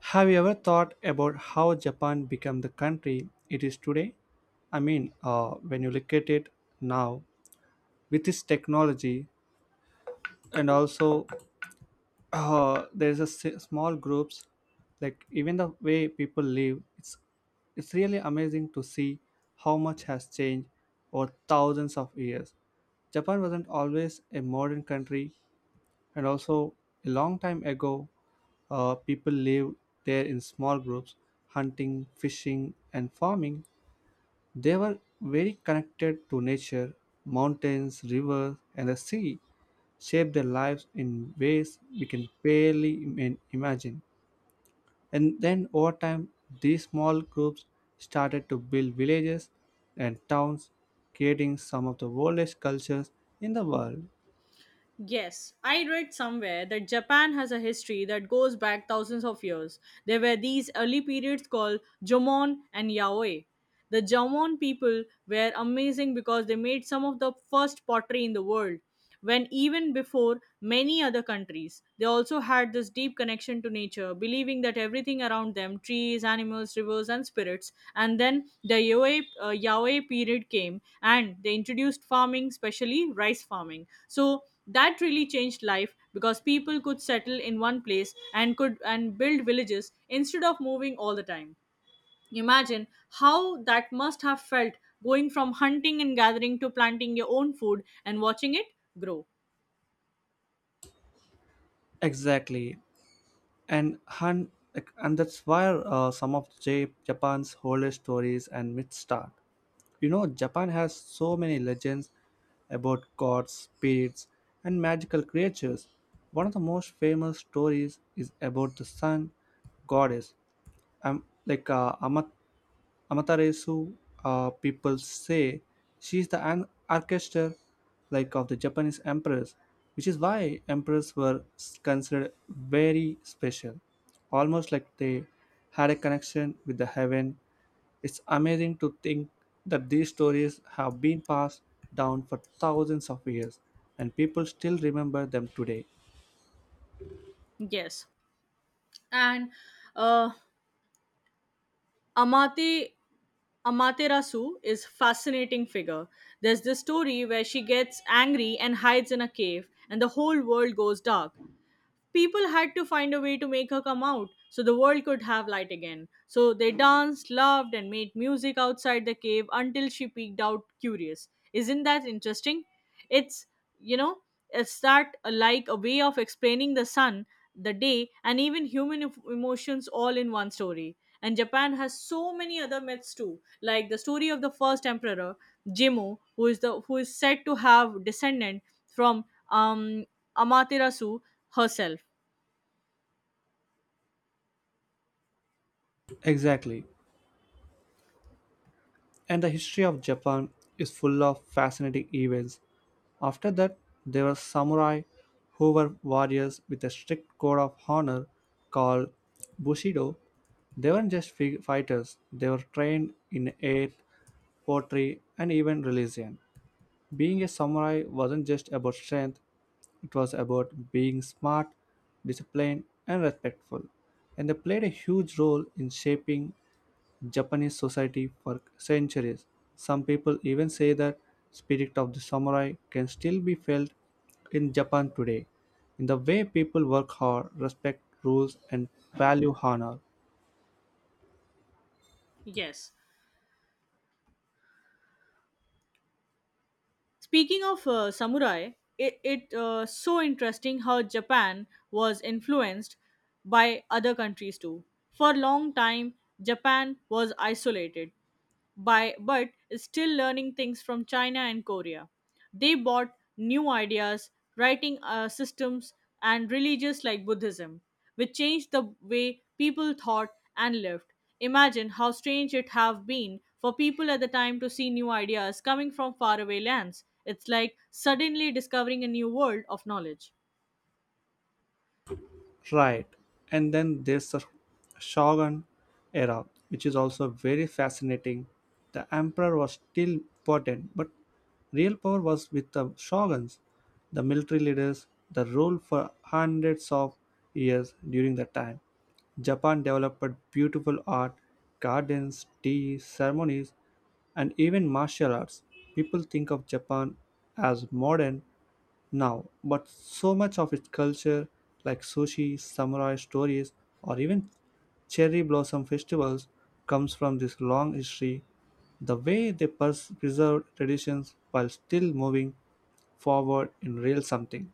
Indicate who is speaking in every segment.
Speaker 1: Have you ever thought about how Japan became the country it is today? I mean, when you look at it now with its technology, and also there's a small groups, like even the way people live, it's really amazing to see how much has changed over thousands of years. Japan wasn't always a modern country, and also a long time ago people lived there in small groups hunting fishing and farming. They were very connected to nature. Mountains rivers and the sea shaped their lives in ways we can barely imagine. And then over time these small groups started to build villages and towns, creating some of the oldest cultures in the world.
Speaker 2: Yes, I read somewhere that Japan has a history that goes back thousands of years. There were these early periods called Jomon and Yaoi. The Jomon people were amazing because they made some of the first pottery in the world, when even before many other countries. They also had this deep connection to nature, believing that everything around them trees, animals, rivers, and spirits. And then the Yaoi, Yaoi period came and they introduced farming, especially rice farming. So that really changed life because people could settle in one place and could and build villages instead of moving all the time. Imagine how that must have felt, going from hunting and gathering to planting your own food and watching it grow.
Speaker 1: Exactly. And and that's where some of Japan's oldest stories and myths start. You know, Japan has so many legends about gods, spirits, and magical creatures. One of the most famous stories is about the sun goddess, um, like uh, Amat- Amaterasu. Uh, people say she is the orchestra like of the Japanese emperors, which is why emperors were considered very special, almost like they had a connection with the heaven. It's amazing to think that these stories have been passed down for thousands of years and people still remember them today.
Speaker 2: Yes, and uh, amate amaterasu is fascinating figure. There's this story where she gets angry and hides in a cave and the whole world goes dark. People had to find a way to make her come out so the world could have light again. So they danced, loved, and made music outside the cave until she peeked out curious. Isn't that interesting? It's, you know, it's that like a way of explaining the sun, the day, and even human emotions all in one story. And Japan has so many other myths too, like the story of the first emperor, Jimmu, who is said to have descendant from Amaterasu herself.
Speaker 1: Exactly. And the history of Japan is full of fascinating events. After that, there were samurai who were warriors with a strict code of honor called Bushido. They weren't just fighters, they were trained in art, poetry, and even religion. Being a samurai wasn't just about strength, it was about being smart, disciplined, and respectful. And they played a huge role in shaping Japanese society for centuries. Some people even say that spirit of the samurai can still be felt in Japan today in the way people work hard, respect rules and value honor.
Speaker 2: Yes. Speaking of samurai, it so interesting how Japan was influenced by other countries too. For a long time, Japan was isolated by but still learning things from China and Korea. They bought new ideas, writing systems, and religions like Buddhism, which changed the way people thought and lived. Imagine how strange it have been for people at the time to see new ideas coming from faraway lands. It's like suddenly discovering a new world of knowledge.
Speaker 1: Right. And then there's the Shogun era, which is also very fascinating. The emperor was still important, but real power was with the shoguns, the military leaders, the rule for hundreds of years during that time. Japan developed beautiful art, gardens, tea, ceremonies, and even martial arts. People think of Japan as modern, now, but so much of its culture, like sushi, samurai stories, or even cherry blossom festivals, comes from this long history. The way they preserved traditions while still moving forward in real something.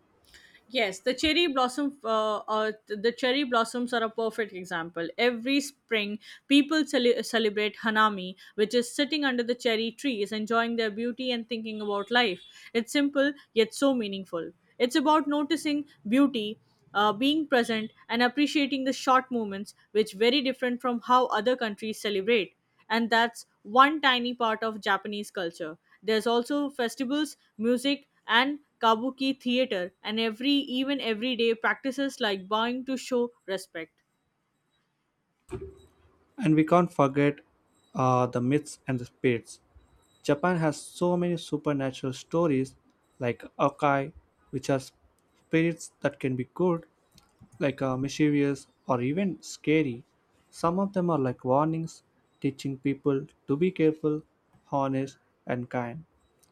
Speaker 2: Yes, the cherry blossom, the cherry blossoms are a perfect example. Every spring, people celebrate Hanami, which is sitting under the cherry trees, enjoying their beauty and thinking about life. It's simple yet so meaningful. It's about noticing beauty, being present, and appreciating the short moments, which very different from how other countries celebrate, and that's one tiny part of Japanese culture. There's also festivals, music, and kabuki theater, and every even everyday practices like bowing to show respect.
Speaker 1: And we can't forget the myths and the spirits. Japan has so many supernatural stories like Okai, which are spirits that can be good like mischievous or even scary. Some of them are like warnings, teaching people to be careful, honest, and kind.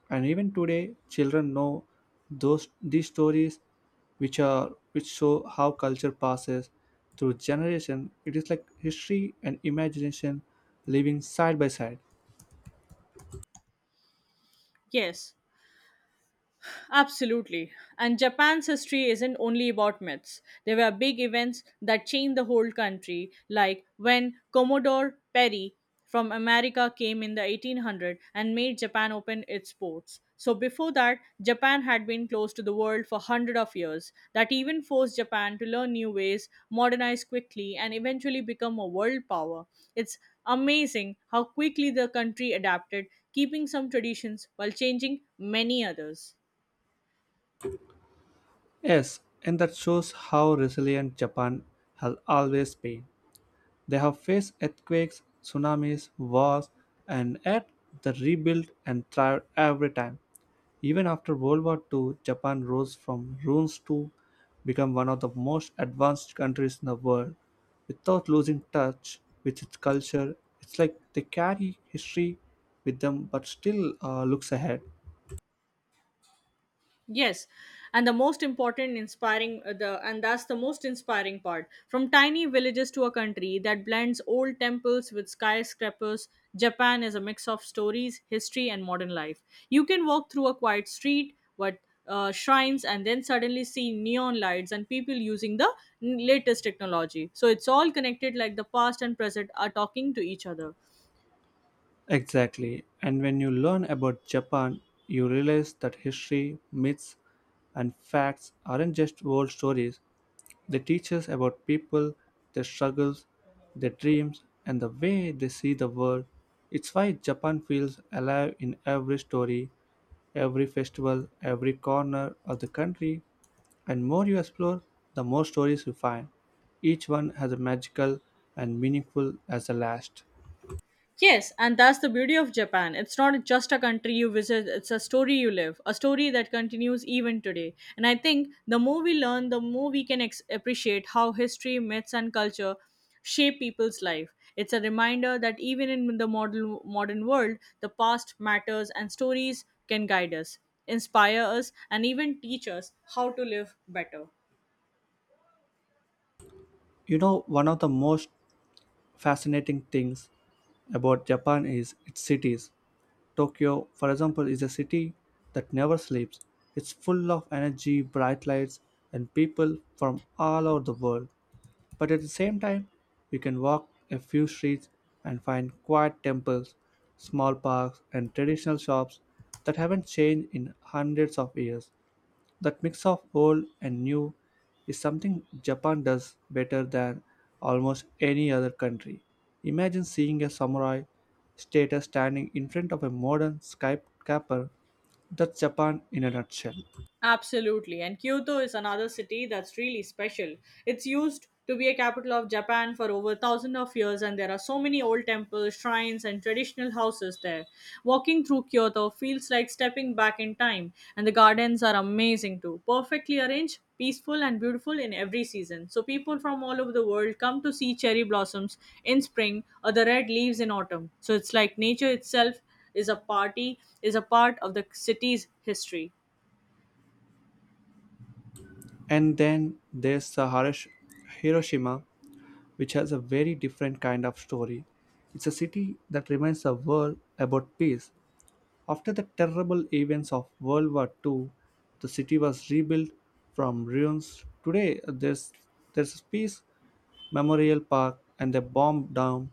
Speaker 1: And even today, children know those these stories, which show how culture passes through generation. It is like history and imagination living side by side.
Speaker 2: Yes, absolutely. And Japan's history isn't only about myths. There were big events that changed the whole country, like when Commodore Perry from America came in the 1800 and made Japan open its ports. So before that, Japan had been closed to the world for hundred of years. That even forced Japan to learn new ways, modernize quickly, and eventually become a world power. It's amazing how quickly the country adapted, keeping some traditions while changing many others.
Speaker 1: Yes, and that shows how resilient Japan has always been. They have faced earthquakes, tsunamis, wars, and yet they rebuilt and thrived every time. Even after World War Two, Japan rose from ruins to become one of the most advanced countries in the world without losing touch with its culture. It's like they carry history with them but still looks ahead.
Speaker 2: Yes, and the most important inspiring the and that's the most inspiring part. From tiny villages to a country that blends old temples with skyscrapers, Japan is a mix of stories, history, and modern life. You can walk through a quiet street, what shrines, and then suddenly see neon lights and people using the latest technology. So it's all connected, like the past and present are talking to each other.
Speaker 1: Exactly. And when you learn about Japan, you realize that history, myths, and facts aren't just old stories. They teach us about people, their struggles, their dreams, and the way they see the world. It's why Japan feels alive in every story, every festival, every corner of the country. And more you explore, the more stories you find. Each one has a magical and meaningful as the last.
Speaker 2: Yes, and that's the beauty of Japan. It's not just a country you visit, it's a story you live, a story that continues even today. And I think the more we learn, the more we can appreciate how history, myths, and culture shape people's life. It's a reminder that even in the modern world, the past matters and stories can guide us, inspire us, and even teach us how to live better.
Speaker 1: You know, one of the most fascinating things about Japan is its cities. Tokyo, for example, is a city that never sleeps. It's full of energy, bright lights, and people from all over the world. But at the same time, you can walk a few streets and find quiet temples, small parks, and traditional shops that haven't changed in hundreds of years. That mix of old and new is something Japan does better than almost any other country. Imagine seeing a samurai status standing in front of a modern skyscraper. That's Japan in a nutshell.
Speaker 2: Absolutely. And Kyoto is another city that's really special. It's used to be a capital of Japan for over thousand of years and there are so many old temples, shrines and traditional houses there. Walking through Kyoto feels like stepping back in time and the gardens are amazing too. Perfectly arranged, peaceful and beautiful in every season. So people from all over the world come to see cherry blossoms in spring or the red leaves in autumn. So it's like nature itself is a part of the city's history.
Speaker 1: And then there's the Hiroshima, which has a very different kind of story. It's a city that reminds the world about peace. After the terrible events of World War Two, the city was rebuilt from ruins. Today, there's a peace memorial park and a bomb dome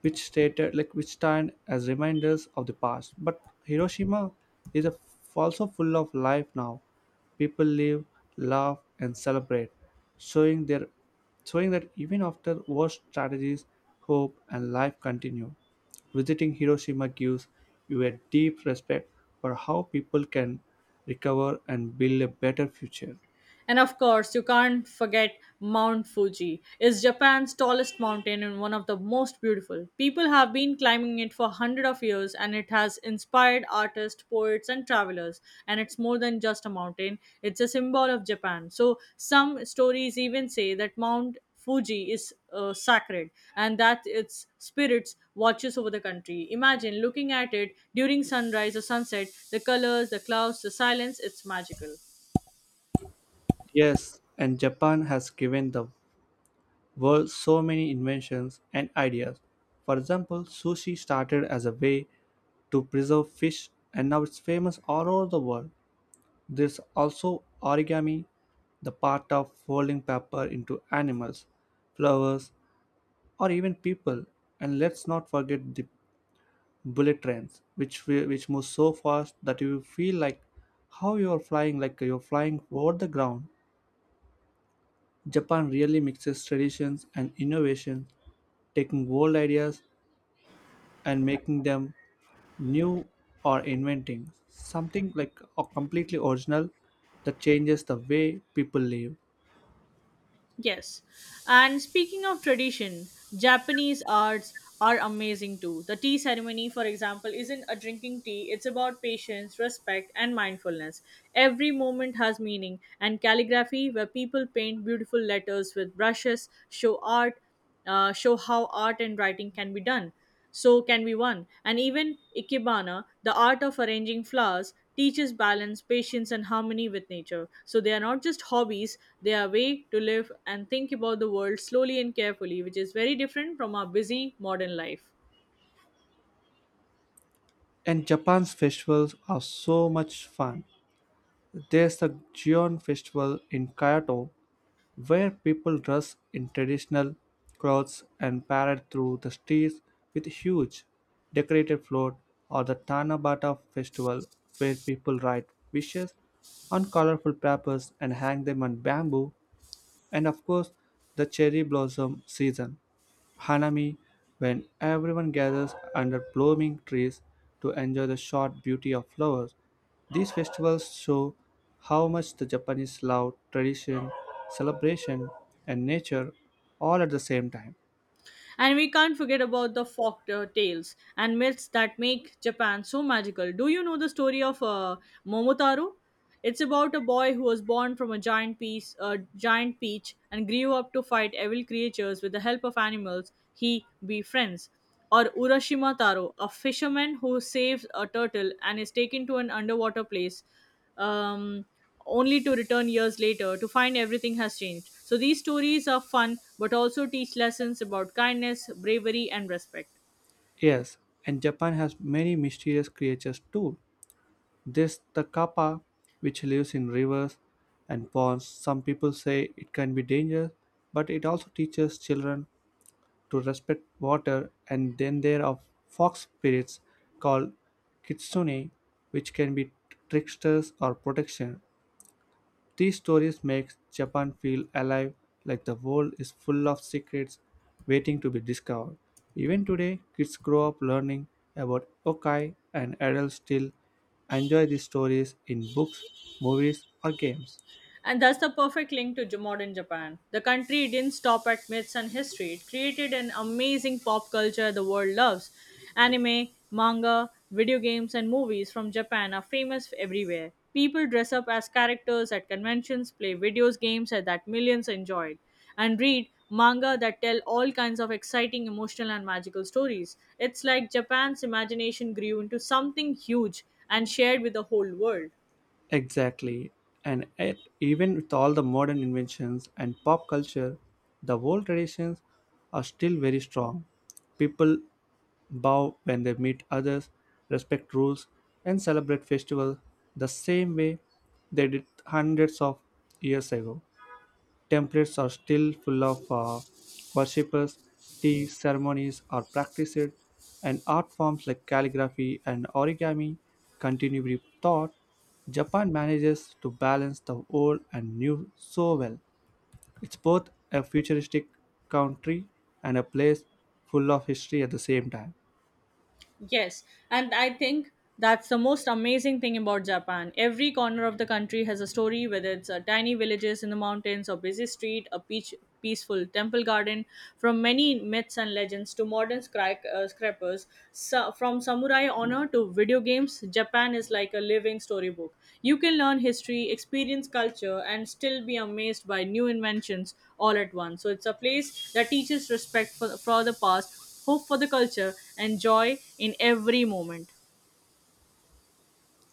Speaker 1: which stated like which stand as reminders of the past. But Hiroshima is a, also full of life now. People live, laugh, and celebrate, showing their showing that even after worst strategies, hope and life continue. Visiting Hiroshima gives you a deep respect for how people can recover and build a better future.
Speaker 2: And of course, you can't forget Mount Fuji. It's Japan's tallest mountain and one of the most beautiful. People have been climbing it for hundreds of years and it has inspired artists, poets and travelers. And it's more than just a mountain, it's a symbol of Japan. So some stories even say that Mount Fuji is sacred and that its spirits watches over the country. Imagine looking at it during sunrise or sunset, the colors, the clouds, the silence, it's magical.
Speaker 1: Yes, and Japan has given the were so many inventions and ideas. For example, sushi started as a way to preserve fish and now it's famous all over the world. There's also origami, the part of folding paper into animals, flowers, or even people. And let's not forget the bullet trains, which move so fast that you feel like how you're flying, like you're flying over the ground. Japan really mixes traditions and innovation, taking old ideas and making them new or inventing something like a completely original that changes the way people live.
Speaker 2: Yes. And speaking of tradition, Japanese arts are amazing too. The tea ceremony, for example, isn't a drinking tea, it's about patience, respect, and mindfulness. Every moment has meaning, and calligraphy, where people paint beautiful letters with brushes, show how art and writing can be done. So can be one. And even Ikebana, the art of arranging flowers, teaches balance, patience, and harmony with nature. So they are not just hobbies, they are a way to live and think about the world slowly and carefully, which is very different from our busy modern life.
Speaker 1: And Japan's festivals are so much fun. There's the Gion Festival in Kyoto, where people dress in traditional clothes and parade through the streets with huge decorated float, or the Tanabata Festival, where people write wishes on colorful papers and hang them on bamboo. And of course, the cherry blossom season, Hanami, when everyone gathers under blooming trees to enjoy the short beauty of flowers. These festivals show how much the Japanese love tradition, celebration, and nature all at the same time.
Speaker 2: And we can't forget about the folk tales and myths that make Japan so magical. Do you know the story of Momotaro? It's about a boy who was born from a giant peach, and grew up to fight evil creatures with the help of animals he befriends. Or Urashima Taro, a fisherman who saves a turtle and is taken to an underwater place um, only to return years later to find everything has changed. So these stories are fun but also teach lessons about kindness, bravery, and respect.
Speaker 1: Yes, and Japan has many mysterious creatures too. This the kappa, which lives in rivers and ponds. Some people say it can be dangerous, but it also teaches children to respect water, and then there are fox spirits called kitsune, which can be tricksters or protection. These stories make Japan feel alive, like the world is full of secrets waiting to be discovered. Even today, kids grow up learning about yokai, and adults still enjoy these stories in books, movies, or games.
Speaker 2: And that's the perfect link to modern Japan. The country didn't stop at myths and history, it created an amazing pop culture the world loves. Anime, manga, video games, and movies from Japan are famous everywhere. People dress up as characters at conventions, play video games that millions enjoyed, and read manga that tell all kinds of exciting, emotional, and magical stories. It's like Japan's imagination grew into something huge and shared with the whole world.
Speaker 1: Exactly. And yet, even with all the modern inventions and pop culture, the old traditions are still very strong. People bow when they meet others, respect rules, and celebrate festivals the same way they did hundreds of years ago. Templates are still full of worshippers, tea ceremonies are practiced, and art forms like calligraphy and origami continue with thought. Japan manages to balance the old and new so well. It's both a futuristic country and a place full of history at the same time.
Speaker 2: Yes, and I think that's the most amazing thing about Japan. Every corner of the country has a story, whether it's a tiny villages in the mountains or busy street, a peach, peaceful temple garden, from many myths and legends to modern scrapers, so, from samurai honor to video games, Japan is like a living storybook. You can learn history, experience culture, and still be amazed by new inventions all at once. So it's a place that teaches respect for the past hope for the culture, and joy in every moment.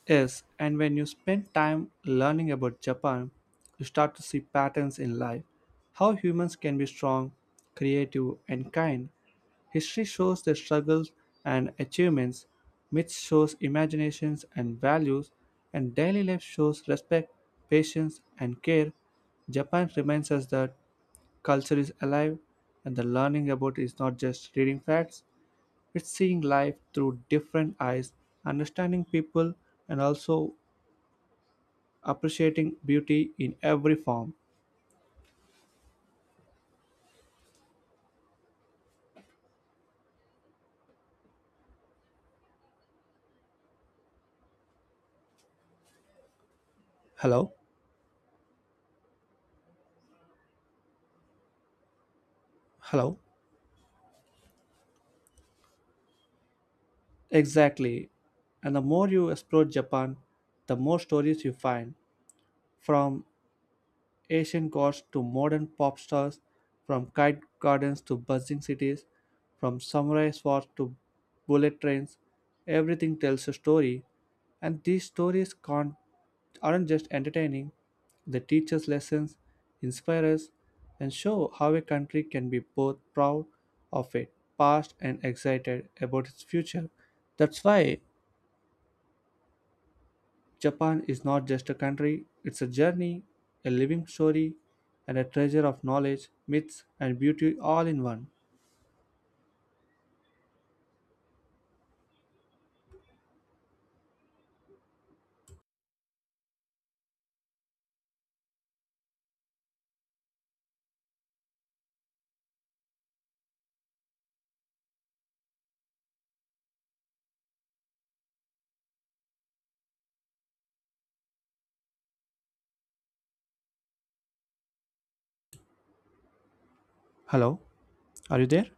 Speaker 1: Yes, and when you spend time learning about Japan, you start to see patterns in life, how humans can be strong, creative, and kind. History shows their struggles and achievements, myths shows imaginations and values, and daily life shows respect, patience, and care. Japan reminds us that culture is alive and the learning about is not just reading facts, it's seeing life through different eyes, understanding people, and also appreciating beauty in every form. Hello? Hello? Exactly. And the more you explore Japan, the more stories you find, from Asian gods to modern pop stars, from kite gardens to buzzing cities, from samurai swords to bullet trains, everything tells a story. And these stories can't, aren't just entertaining, they teach us lessons, inspire us, and show how a country can be both proud of its past and excited about its future. That's why Japan is not just a country, it's a journey, a living story, and a treasure of knowledge, myths, and beauty all in one. Hello, are you there?